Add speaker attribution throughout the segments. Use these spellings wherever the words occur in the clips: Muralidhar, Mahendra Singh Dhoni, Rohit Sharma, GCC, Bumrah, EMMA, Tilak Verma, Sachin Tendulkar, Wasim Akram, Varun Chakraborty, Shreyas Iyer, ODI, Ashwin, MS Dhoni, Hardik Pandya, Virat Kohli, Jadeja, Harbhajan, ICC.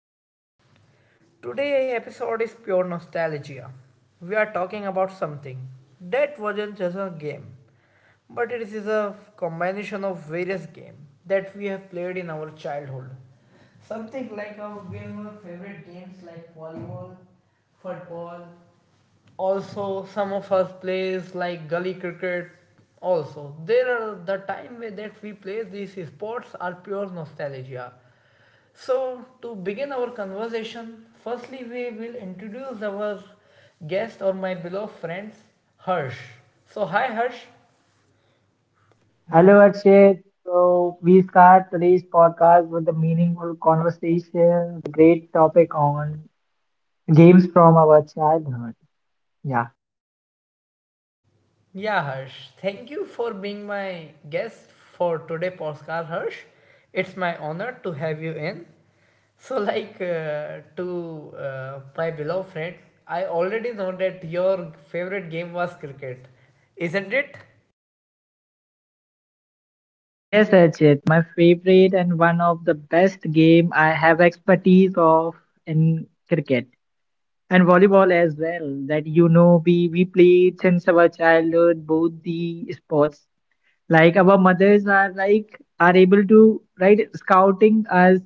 Speaker 1: guys. Today's episode is pure nostalgia. We are talking about something that wasn't just a game, but it is a combination of various games that we have played in our childhood. Something like our game of favorite games like volleyball, football. Also, some of us plays like gully cricket. Also, there are the time where that we play these sports are pure nostalgia, so to begin our conversation, firstly, we will introduce our guest or my beloved friends, Harsh. So hi, Harsh.
Speaker 2: Hello, Akshay. So, we start today's podcast with a meaningful conversation, a great topic on games from our childhood. Yeah.
Speaker 1: Yeah, Harsh, thank you for being my guest for today podcast, Harsh. It's my honor to have you in. So, like to My beloved friend, I already know that your favorite game was cricket, isn't it?
Speaker 2: Yes, Akshay, my favorite and one of the best game I have expertise of in cricket and volleyball as well. That you know, we played since our childhood both the sports. Like our mothers are like are able to right scouting us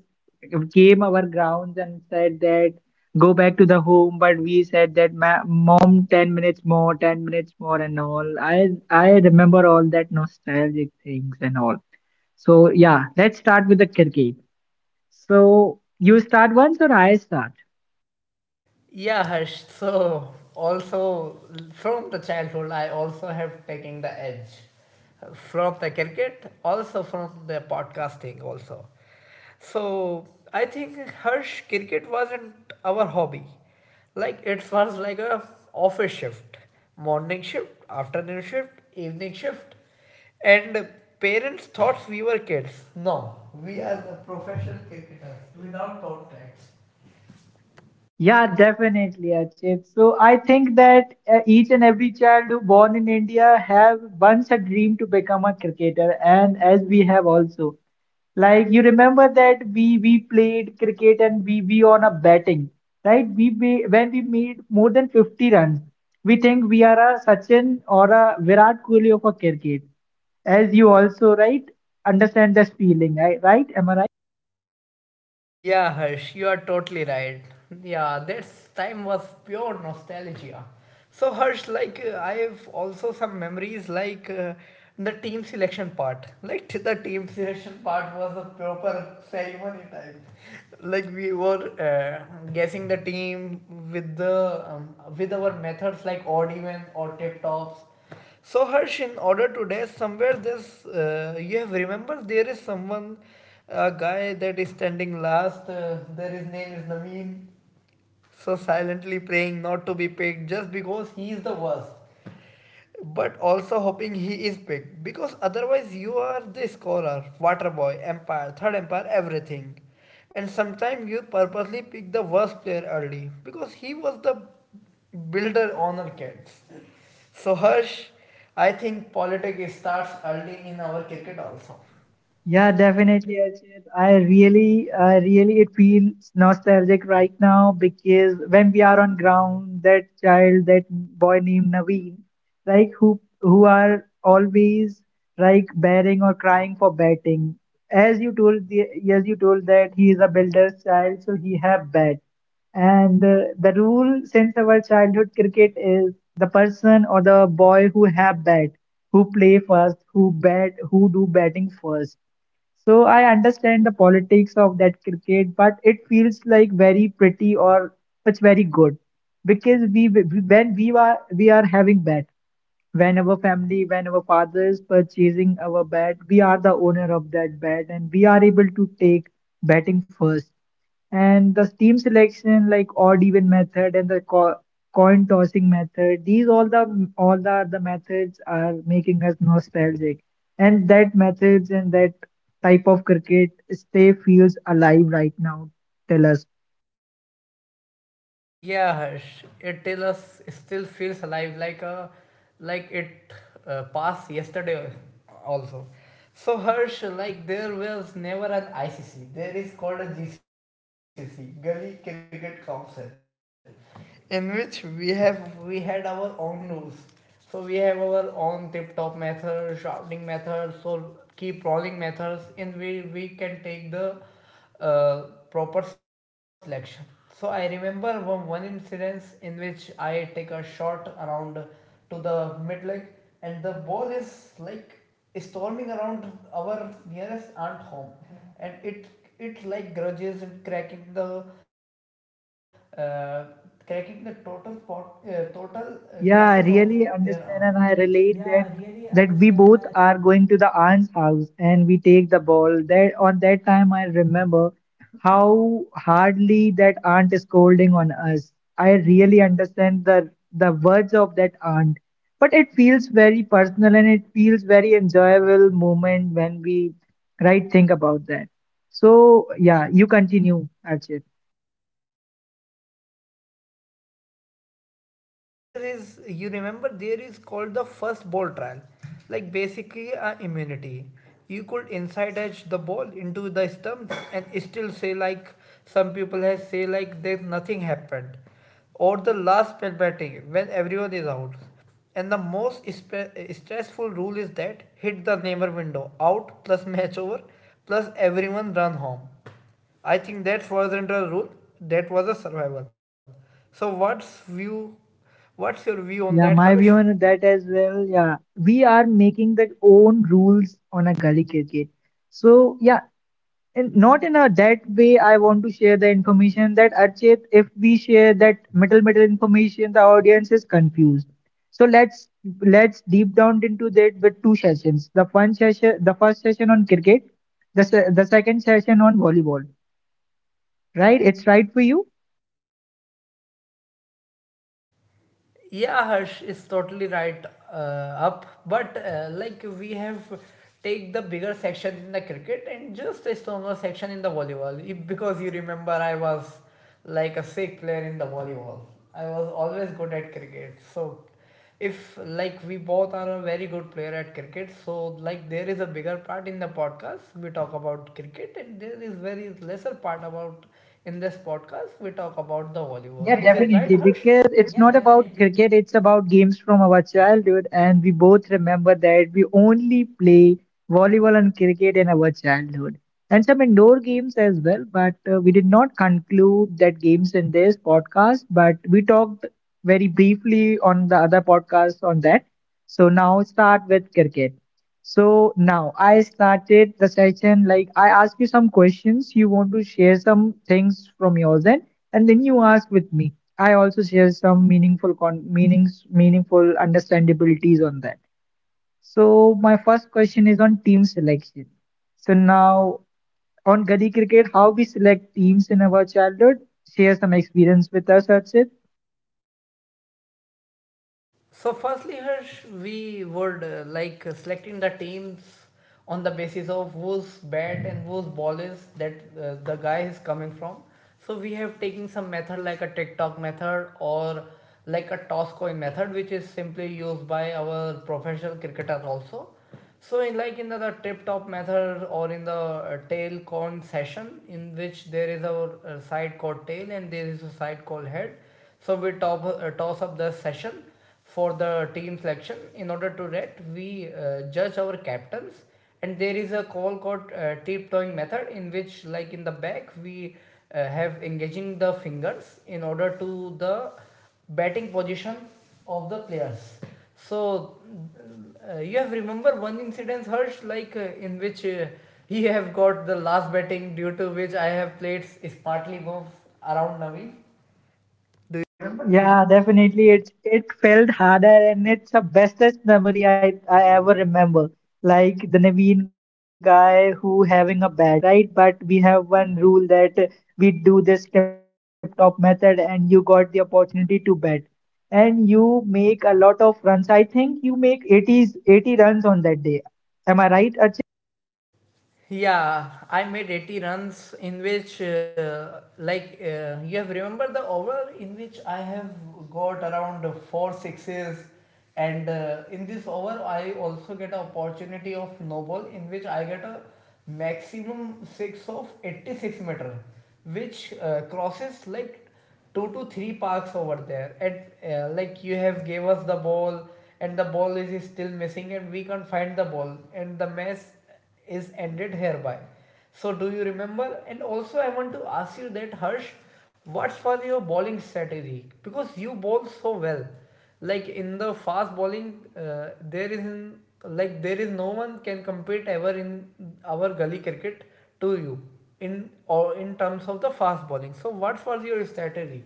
Speaker 2: came our grounds and said that go back to the home, but we said that mom 10 minutes more, 10 minutes more and all. I remember all that nostalgic things and all. So yeah, let's start with the cricket. So you start once or I start?
Speaker 1: Yeah, Harsh. So also from the childhood, I also have taken the edge from the cricket, also from the podcasting, also. So I think, Harsh, cricket wasn't our hobby. Like it was like a office shift, morning shift, afternoon shift, evening shift, and parents thought we were kids. No, we are the professional cricketers without contracts.
Speaker 2: Yeah, definitely, Achit. So I think that each and every child who born in India have once a dream to become a cricketer, and as we have also. Like you remember that we played cricket and we on a batting, right? We when we made more than 50 runs, we think we are a Sachin or a Virat Kohli of a cricket. As you also, right, understand this feeling, right? Right? Am I right?
Speaker 1: Yeah, Harsh, you are totally right. Yeah, that time was pure nostalgia. So, Harsh, I have also some memories the team selection part. Like the team selection part was a proper ceremony time. Like we were guessing the team with the with our methods like odd even or tip tops. So Harsh, in order to dash somewhere, this you have remembered, there is someone, a guy that is standing last. There his name is Nameen. So silently praying not to be picked just because he is the worst, but also hoping he is picked because otherwise you are the scorer, water boy, empire, third empire, everything. And sometimes you purposely pick the worst player early because he was the builder honor cats. So Harsh, I think politics starts early in our cricket also. Yeah,
Speaker 2: Yeah,
Speaker 1: definitely.
Speaker 2: definitely, Archit. I really, it feels nostalgic right now because when we are on ground, that child, that boy named Naveen, like who are always like bearing or crying for batting. As you told the, as you told that he is a builder's child, so he have bat. And the rule since our childhood cricket is the person or the boy who have bat, who play first, who bat, who do batting first. So I understand the politics of that cricket, but it feels like very pretty or it's very good because when we are having bat when our family, when our father is purchasing our bat, we are the owner of that bat and we are able to take batting first. And the team selection, like odd even method and the co coin tossing method, these all the methods are making us nostalgic. And that methods and that type of cricket stay feels alive right now. Tell us.
Speaker 1: Yeah, Harsh, it till us still feels alive like it passed yesterday also. So Harsh, like there was never an ICC. There is called a GCC, Gully Cricket Council, in which we had our own rules. So we have our own tip-top method, shouting methods, so keep rolling methods, in which we can take the uh, proper selection. So I remember one incident in which I take a shot around to the mid leg, and the ball is like storming around our nearest aunt home, and it like grudges and uh, cracking the total pot, total glasses of
Speaker 2: Yeah,
Speaker 1: their
Speaker 2: I
Speaker 1: aunt.
Speaker 2: really understand
Speaker 1: Yeah,
Speaker 2: and
Speaker 1: I
Speaker 2: I
Speaker 1: really
Speaker 2: relate that
Speaker 1: understand and I
Speaker 2: that we both are going to the aunt's house and we take the ball. That on that time I remember how hardly that aunt is scolding on us. I really understand the words of that aunt. But it feels very personal and it feels very enjoyable moment when we right think about that. So yeah, you continue, Archit.
Speaker 1: Yeah, Harsh. Also, like there is, you remember, there is called the first ball trial, like basically a immunity. You could inside edge the ball into the stumps and still say like some people has say like there nothing happened, or the last spell batting when everyone is out. And the most stressful rule is that hit the neighbor window out plus match over plus everyone run home. I think that wasn't a rule. That was a survival. So what's view? What's your view on that,
Speaker 2: Yeah,
Speaker 1: Harsh?
Speaker 2: my view on that as well. Yeah, we are making the own rules on a gully cricket. So yeah, and not in a that way. I want to share the information that Archit, if we share that middle information, the audience is confused. So let's deep down into that with two sessions. The one session, the first session on cricket, the second session on volleyball. Right? It's right for you.
Speaker 1: Yeah, Harsh is totally right up. But like we have take the bigger section in the cricket and just a stronger section in the volleyball. If, because you remember, I was like a sick player in the volleyball. I was always good at cricket. So if like we both are a very good player at cricket, so like there is a bigger part in the podcast we talk about cricket, and there is very lesser part about in this podcast we talk about the volleyball.
Speaker 2: Yeah,
Speaker 1: Is it right,
Speaker 2: definitely.
Speaker 1: Harsh?
Speaker 2: Because
Speaker 1: Yeah,
Speaker 2: it's not
Speaker 1: definitely.
Speaker 2: about cricket, it's about games from our childhood. And we both remember that we only play volleyball and cricket in our childhood and some indoor games as well. But we did not conclude that games in this podcast, but we talked very briefly on the other podcast on that. So now start with cricket. So now I started the session like I asked you some questions. You want to share some things from yours end? And then you ask with me. I also share some meaningful con meanings, meaningful understandabilities on that. So my first question is on team selection. So now on Gully Cricket, how we select teams in our childhood, share some experience with us, Archit.
Speaker 1: So, firstly, Harsh, we would selecting the teams on the basis of whose bat and whose ball is that the guy is coming from. So we have taken some method like a TikTok method or like a toss coin method, which is simply used by our professional cricketer also. So in like in the tip top method or in the tail cone session, in which there is a side called tail and there is a side called head. So we top, toss up the session for the team selection. In order to that we judge our captains, and there is a call called tiptoeing method in which like in the back we have engaging the fingers in order to the batting position of the players. So you have remember one incident, Harsh, in which he have got the last batting due to which I have played smartly move around Naveen. Do you?
Speaker 2: Yeah,
Speaker 1: Yeah, definitely.
Speaker 2: definitely. It felt harder, and it's the bestest memory I ever remember. Like the Naveen guy who having a bat, right? But we have one rule that we do this tip-top method, and you got the opportunity to bat, and you make a lot of runs. I think you make 80s 80 runs on that day. Am I right, Archit?
Speaker 1: Yeah, I made 80 runs in which, you have remember the over in which I have got around four sixes, and in this over I also get an opportunity of no ball in which I get a maximum six of 86-meter, which crosses like two to three parks over there. And like you have gave us the ball, and the ball is still missing, and we can't find the ball, and the mess is ended hereby. So do you remember? And also I want to ask you that, Harsh, what was your bowling strategy? Because you bowl so well. Like in the fast bowling, like there is no one can compete ever in our gully cricket to you in or in terms of the fast bowling. So what was your strategy?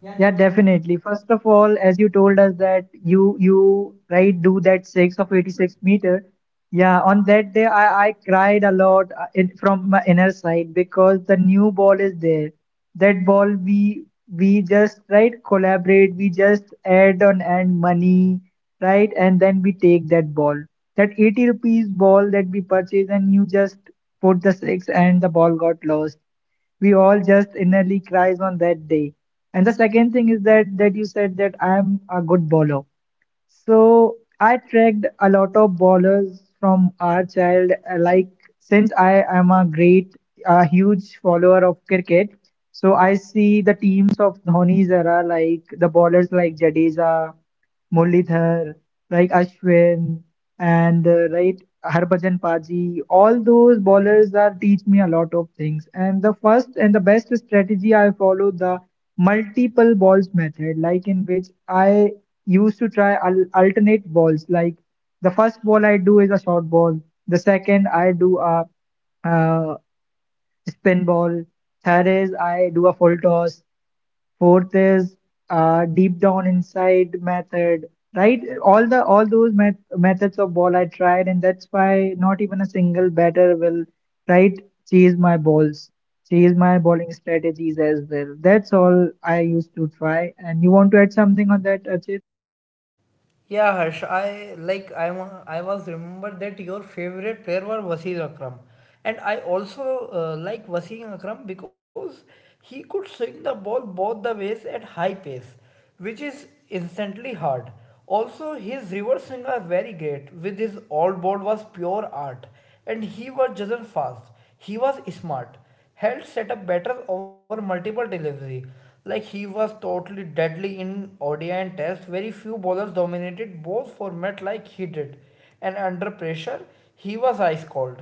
Speaker 1: Yeah,
Speaker 2: Yeah, definitely. First of all, as you told us that you right do that six of 86 meter. Yeah, on that day I cried a lot in, from my inner side because the new ball is there. That ball we just right collaborate, we just add on and money, right? And then we take that ball. That 80 rupees ball that we purchased and you just put the six and the ball got lost. We all just innerly cries on that day. And the second thing is that that you said that I am a good bowler. So I tracked a lot of ballers from our child. Like since I am a great, a huge follower of cricket, so I see the teams of Dhoni's era, like the ballers like Jadeja, Muralidhar, like Ashwin, and right Harbhajan Paji. All those ballers are teach me a lot of things. And the first and the best strategy I follow the multiple balls method, like in which I used to try alternate balls. Like the first ball I do is a short ball. The second I do a uh, spin ball. Third is I do a full toss. Fourth is deep down inside method. Right, all the all those methods of ball I tried, and that's why not even a single batter will right chase my balls, chase my bowling strategies as well. That's all I used to try. And you want to add something on that, Achit?
Speaker 1: yeah, Harsh. I like I wa- I was remembered that your favorite player was Wasim Akram, and I also like Wasim Akram because he could swing the ball both the ways at high pace, which is instantly hard. Also, his reverse swing was very great. With his all board was pure art, and he was just fast. He was smart held set up better over multiple delivery. Like he was totally deadly in ODI and Test. Very few bowlers dominated both formats like he did, and under pressure he was ice cold.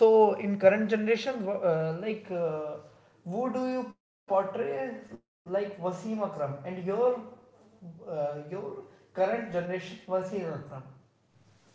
Speaker 1: So in current generation, who do you portray like Wasim Akram and your uh, your current generation Wasim Akram?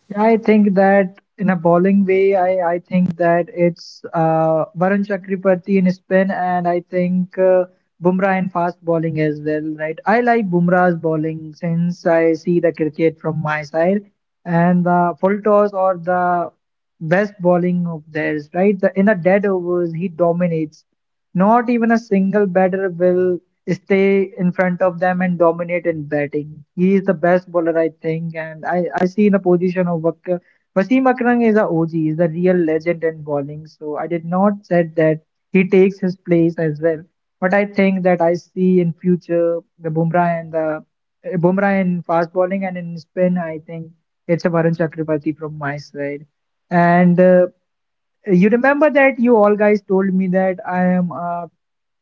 Speaker 2: Yeah, I think that in a bowling way, I think that it's Varun Chakraborty in spin, and I think Bumrah in fast bowling as well, right? I like Bumrah's bowling since I see the cricket from my side, and the full toss or the best bowling of theirs, right? The, in the dead overs, he dominates. Not even a single batter will stay in front of them and dominate in batting. He is the best bowler, I think, and I see in a position of Wasim Akram is a OG, is a real legend in bowling. So I did not said that he takes his place as well. But I think that I see in future the Bumrah and the Bumrah in fast bowling and in spin. I think it's a Varun Chakrabarti from my side. And you remember that you all guys told me that I am a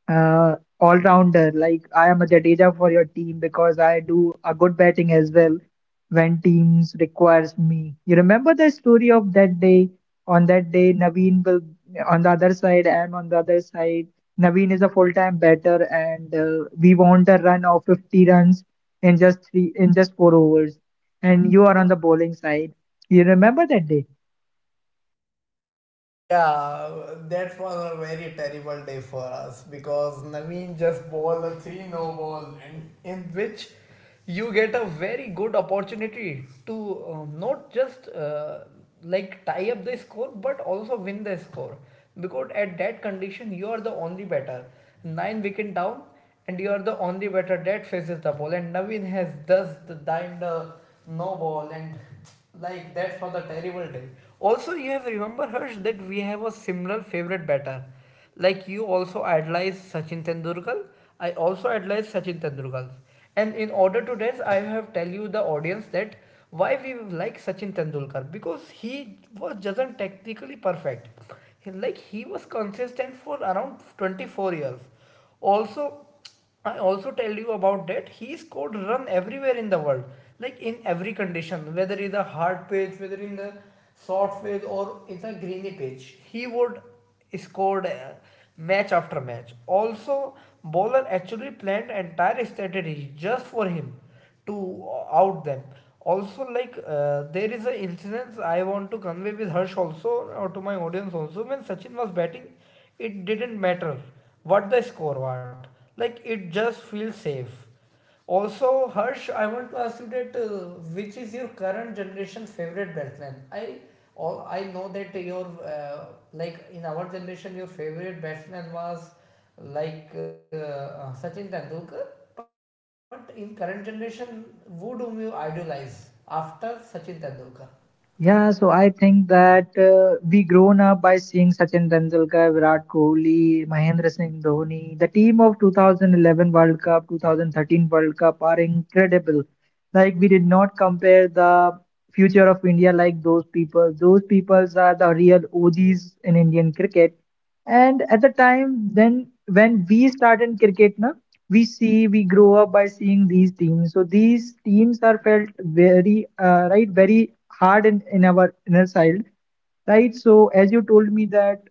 Speaker 2: all rounder. Like I am a Jadeja for your team because I do a good batting as well when teams requires me. You remember the story of that day? On that day, Naveen will on the other side. I am on the other side. Naveen is a full-time batter, and we want a run of 50 runs in just four overs. And you are on the bowling side. You remember that day?
Speaker 1: Yeah, that was a very terrible day for us because Naveen just bowled a 3-no ball, and in which you get a very good opportunity to not just like tie up the score but also win the score, because at that condition you are the only batter. 9 wicket down and you are the only batter that faces the ball. And Naveen has thus the dined the no ball and like that for the terrible day. Also, you have remember, Harsh, that we have a similar favorite batter. Like you also idolize Sachin Tendulkar. I also idolize Sachin Tendulkar. And in order to this, I have tell you the audience that why we like Sachin Tendulkar, because he was doesn't technically perfect. Like he was consistent for around 24 years. Also, I also tell you about that he scored run everywhere in the world, like in every condition, whether in the hard pitch, whether in the soft pitch or in the greeny pitch. He would score match after match. Also, bowler actually planned entire strategy just for him to out them. Also, there is an incidence I want to convey with Harsh also, or to my audience also. When Sachin was batting, it didn't matter what the score was, like it just feels safe. Also, Harsh, I want to ask you that which is your current generation favorite batsman. I all I know that your uh, like in our generation your favorite batsman was like uh, Sachin Tendulkar, but in current generation, who do you idolize after Sachin Tendulkar?
Speaker 2: Yeah, so I think that we grown up by seeing Sachin Tendulkar, Virat Kohli, Mahendra Singh Dhoni. The team of 2011 World Cup, 2013 World Cup are incredible. Like we did not compare the future of India like those people. Those peoples are the real OGs in Indian cricket. And at the time then when we started cricket, na we see we grow up by seeing these teams, so these teams are felt very right very hard in our inner child, right? So as you told me that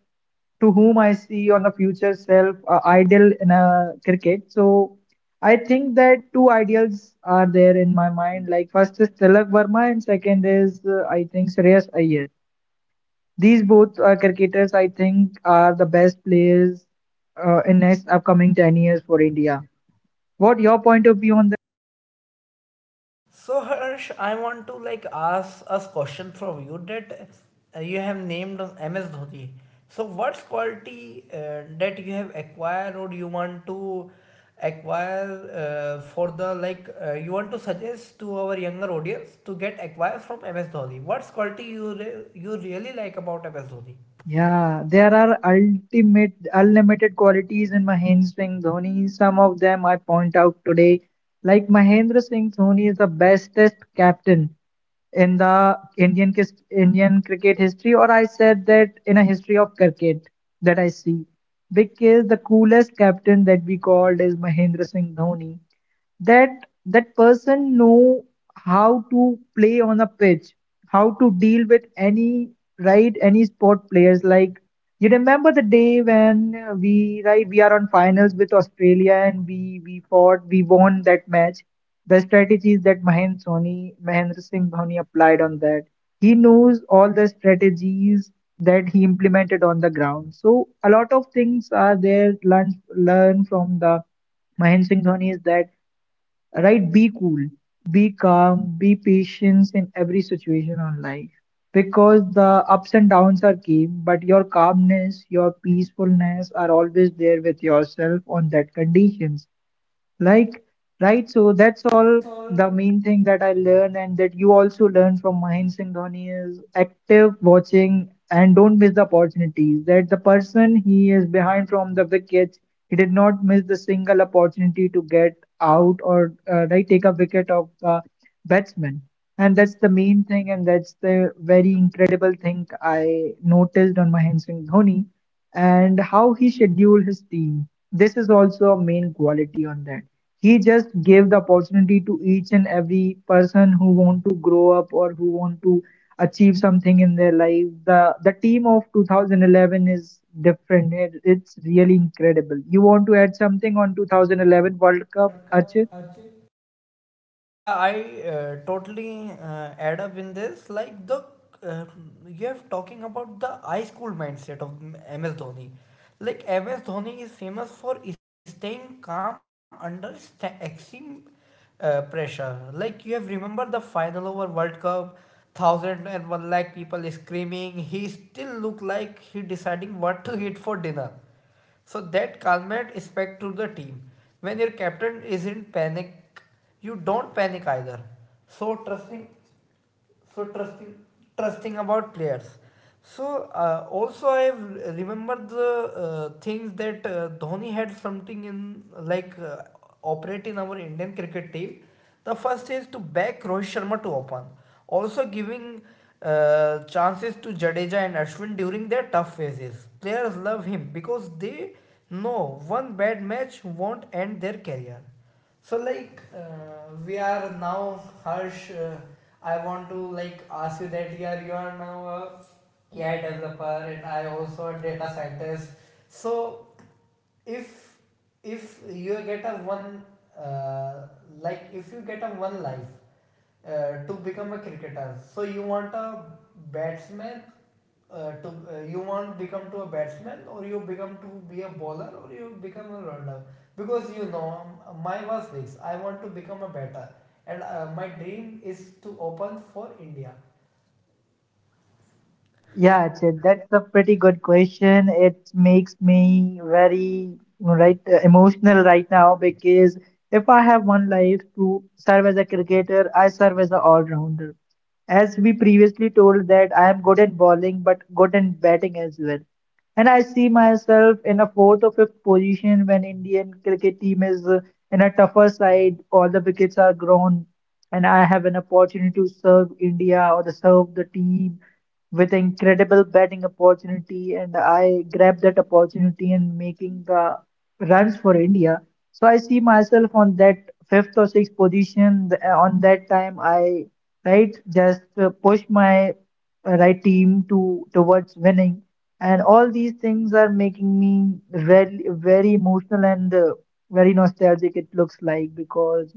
Speaker 2: to whom I see on the future self ideal in a cricket. So I think that two ideals are there in my mind. Like first is Tilak Verma and second is I think Shreyas Iyer. These both cricketers I think are the best players in next upcoming 10 years for India. What your point of view on?
Speaker 1: So Harsh, I want to like ask us question from you that you have named MS Dhoni. So what's quality that you have acquired or you want to acquire for the like you want to suggest to our younger audience to get acquired from MS Dhoni? What's quality you you really like about MS Dhoni?
Speaker 2: Yeah, there are ultimate unlimited qualities in Mahendra Singh Dhoni. Some of them I point out today, like Mahendra Singh Dhoni is the bestest captain in the Indian cricket history, or I said that in a history of cricket that I see, because the coolest captain that we called is Mahendra Singh Dhoni. that that person know how to play on a pitch, how to deal with any right any sport players. Like you remember the day when we right we are on finals with Australia and we fought, we won that match. The strategies that Mahendra Singh Dhoni applied on that. He knows all the strategies that he implemented on the ground. So a lot of things are there learn from the Mahendra Singh Dhoni is that, right? Be cool, be calm, be patient in every situation on life because the ups and downs are came, but your calmness, your peacefulness are always there with yourself on that conditions. Like, right, so that's all
Speaker 1: That's
Speaker 2: the
Speaker 1: all
Speaker 2: main thing that I learn, and that you also learn from Mahendra Singh Dhoni is active watching and don't miss the opportunities. That the person he is behind from the wickets, he did not miss the single opportunity to get out or right take a wicket of the batsman. And that's the main thing, and that's the very incredible thing I noticed on Mahendra Singh Dhoni and how he scheduled his team. This is also a main quality on that. He just gave the opportunity to each and every person who want to grow up or who want to achieve something in their life. The team of 2011 is different. It's really incredible. You want to add something on 2011 World Cup,
Speaker 1: World Cup,
Speaker 2: Archit?
Speaker 1: Archit? Yeah, I totally add up in this. Like the uh, you have talking about the high school mindset of MS Dhoni. Like MS Dhoni is famous for staying calm under extreme pressure. Like you have remember the final over World Cup, thousand and one lakh people screaming. He still look like he deciding what to eat for dinner. So that calmate respect to the team. When your captain is in panic, you don't panic either. So so trusting, trusting about players. So also I have remembered the things that Dhoni had something in operate in our Indian cricket team. The first is to back Rohit Sharma to open, also giving chances to Jadeja and Ashwin during their tough phases. Players love him because they know one bad match won't end their career. So we are now, Harsh. I want to like ask you that, yeah, you are now a AI developer and I also a data scientist. So if if you get a uh, one life to become a cricketer. So you want a batsman to you want become to a batsman or you become to be a bowler or you become a runner? Because you know my was this. I want to become a batter, and my dream is to open for India. Yeah,
Speaker 2: Yeah, Ajit, that's a pretty good question. It makes me very right emotional right now because if I have one life to serve as a cricketer, I serve as an all-rounder. As we previously told that I am good at bowling but good in batting as well. And I see myself in a fourth or fifth position when Indian cricket team is in a tougher side, all the wickets are grown, and I have an opportunity to serve India or to serve the team with incredible batting opportunity and I grabbed that opportunity and making runs for India. So I see myself on that fifth or sixth position. On that time, I right just push my right team to towards winning, and all these things are making me very very emotional and very nostalgic. It looks like because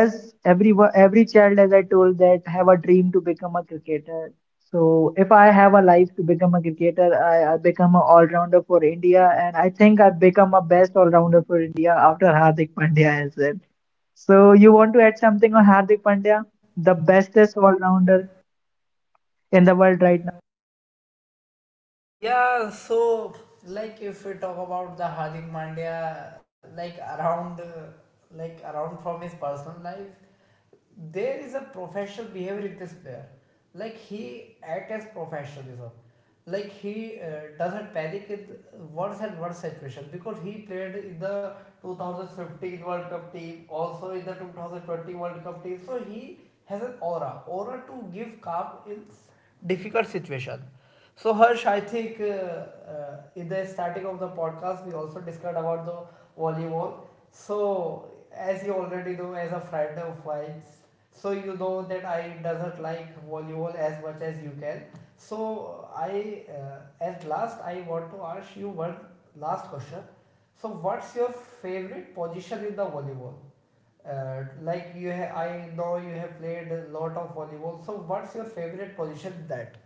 Speaker 2: as everyone every child as I told that have a dream to become a cricketer, so if I have a life to become a cricketer I become an all-rounder for India and I think I become a best all-rounder for India after Hardik Pandya as well. So you want to add something on Hardik Pandya, the
Speaker 1: the best
Speaker 2: bestest all-rounder
Speaker 1: under
Speaker 2: in the world,
Speaker 1: world
Speaker 2: right?
Speaker 1: right now. Yeah, so like if we talk about the Hardik Pandya, like around from his personal life, there is a professional behavior in this player. Like he act as professionalism. Like he doesn't panic in worse and worse situation because he played in the 2015 World Cup team, also in the 2020 World Cup team. So he has an aura to give calm in difficult situation. So Harsh, I think in the starting of the podcast we also discussed about the volleyball. So as you already know, as a friend of mine, so you know that I doesn't like volleyball as much as you can. So I at last I want to ask you one last question. So what's your favorite position in the volleyball? I know you have played a lot of volleyball. So what's your favorite position in that?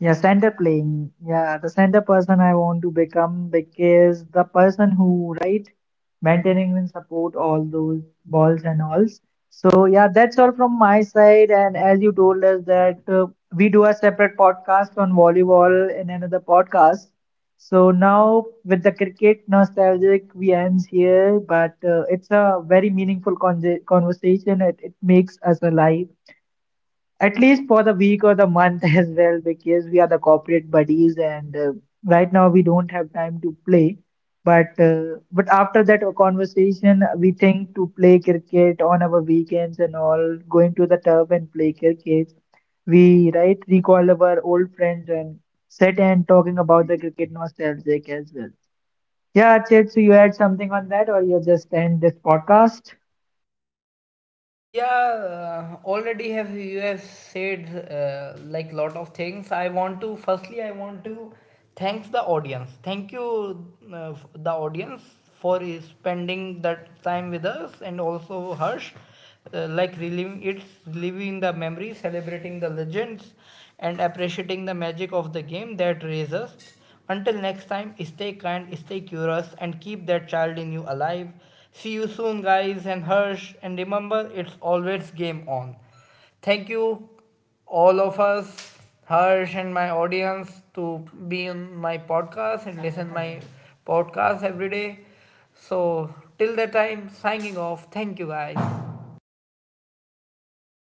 Speaker 2: Yeah, center playing. Yeah, the center person I want to become because the person who, right, maintaining and support all those balls and alls. So yeah, that's all from my side. And as you told us that we do a separate podcast on volleyball in another podcast. So now with the cricket nostalgic, we ends here. But it's a very meaningful conversation. It makes us alive at least for the week or the month as well because we are the corporate buddies and right now we don't have time to play but after that conversation we think to play cricket on our weekends and all going to the turf and play cricket. We right recall our old friends and sit and talking about the cricket nostalgic as well. Yeah, Chet, so you add something on that or you just end this podcast?
Speaker 1: Yeah, already have you have said lot of things. I want to firstly I want to thanks the audience. Thank you the audience for spending that time with us, and also Harsh, like reliving it's reliving the memory, celebrating the legends and appreciating the magic of the game that raised us. Until next time, stay kind, stay curious, and keep that child in you alive. See you soon, guys, and Harsh. And remember, it's always game on. Thank you, all of us, Harsh and my audience, to be on my podcast and listen my podcast every day. So till that time, signing off. Thank you, guys.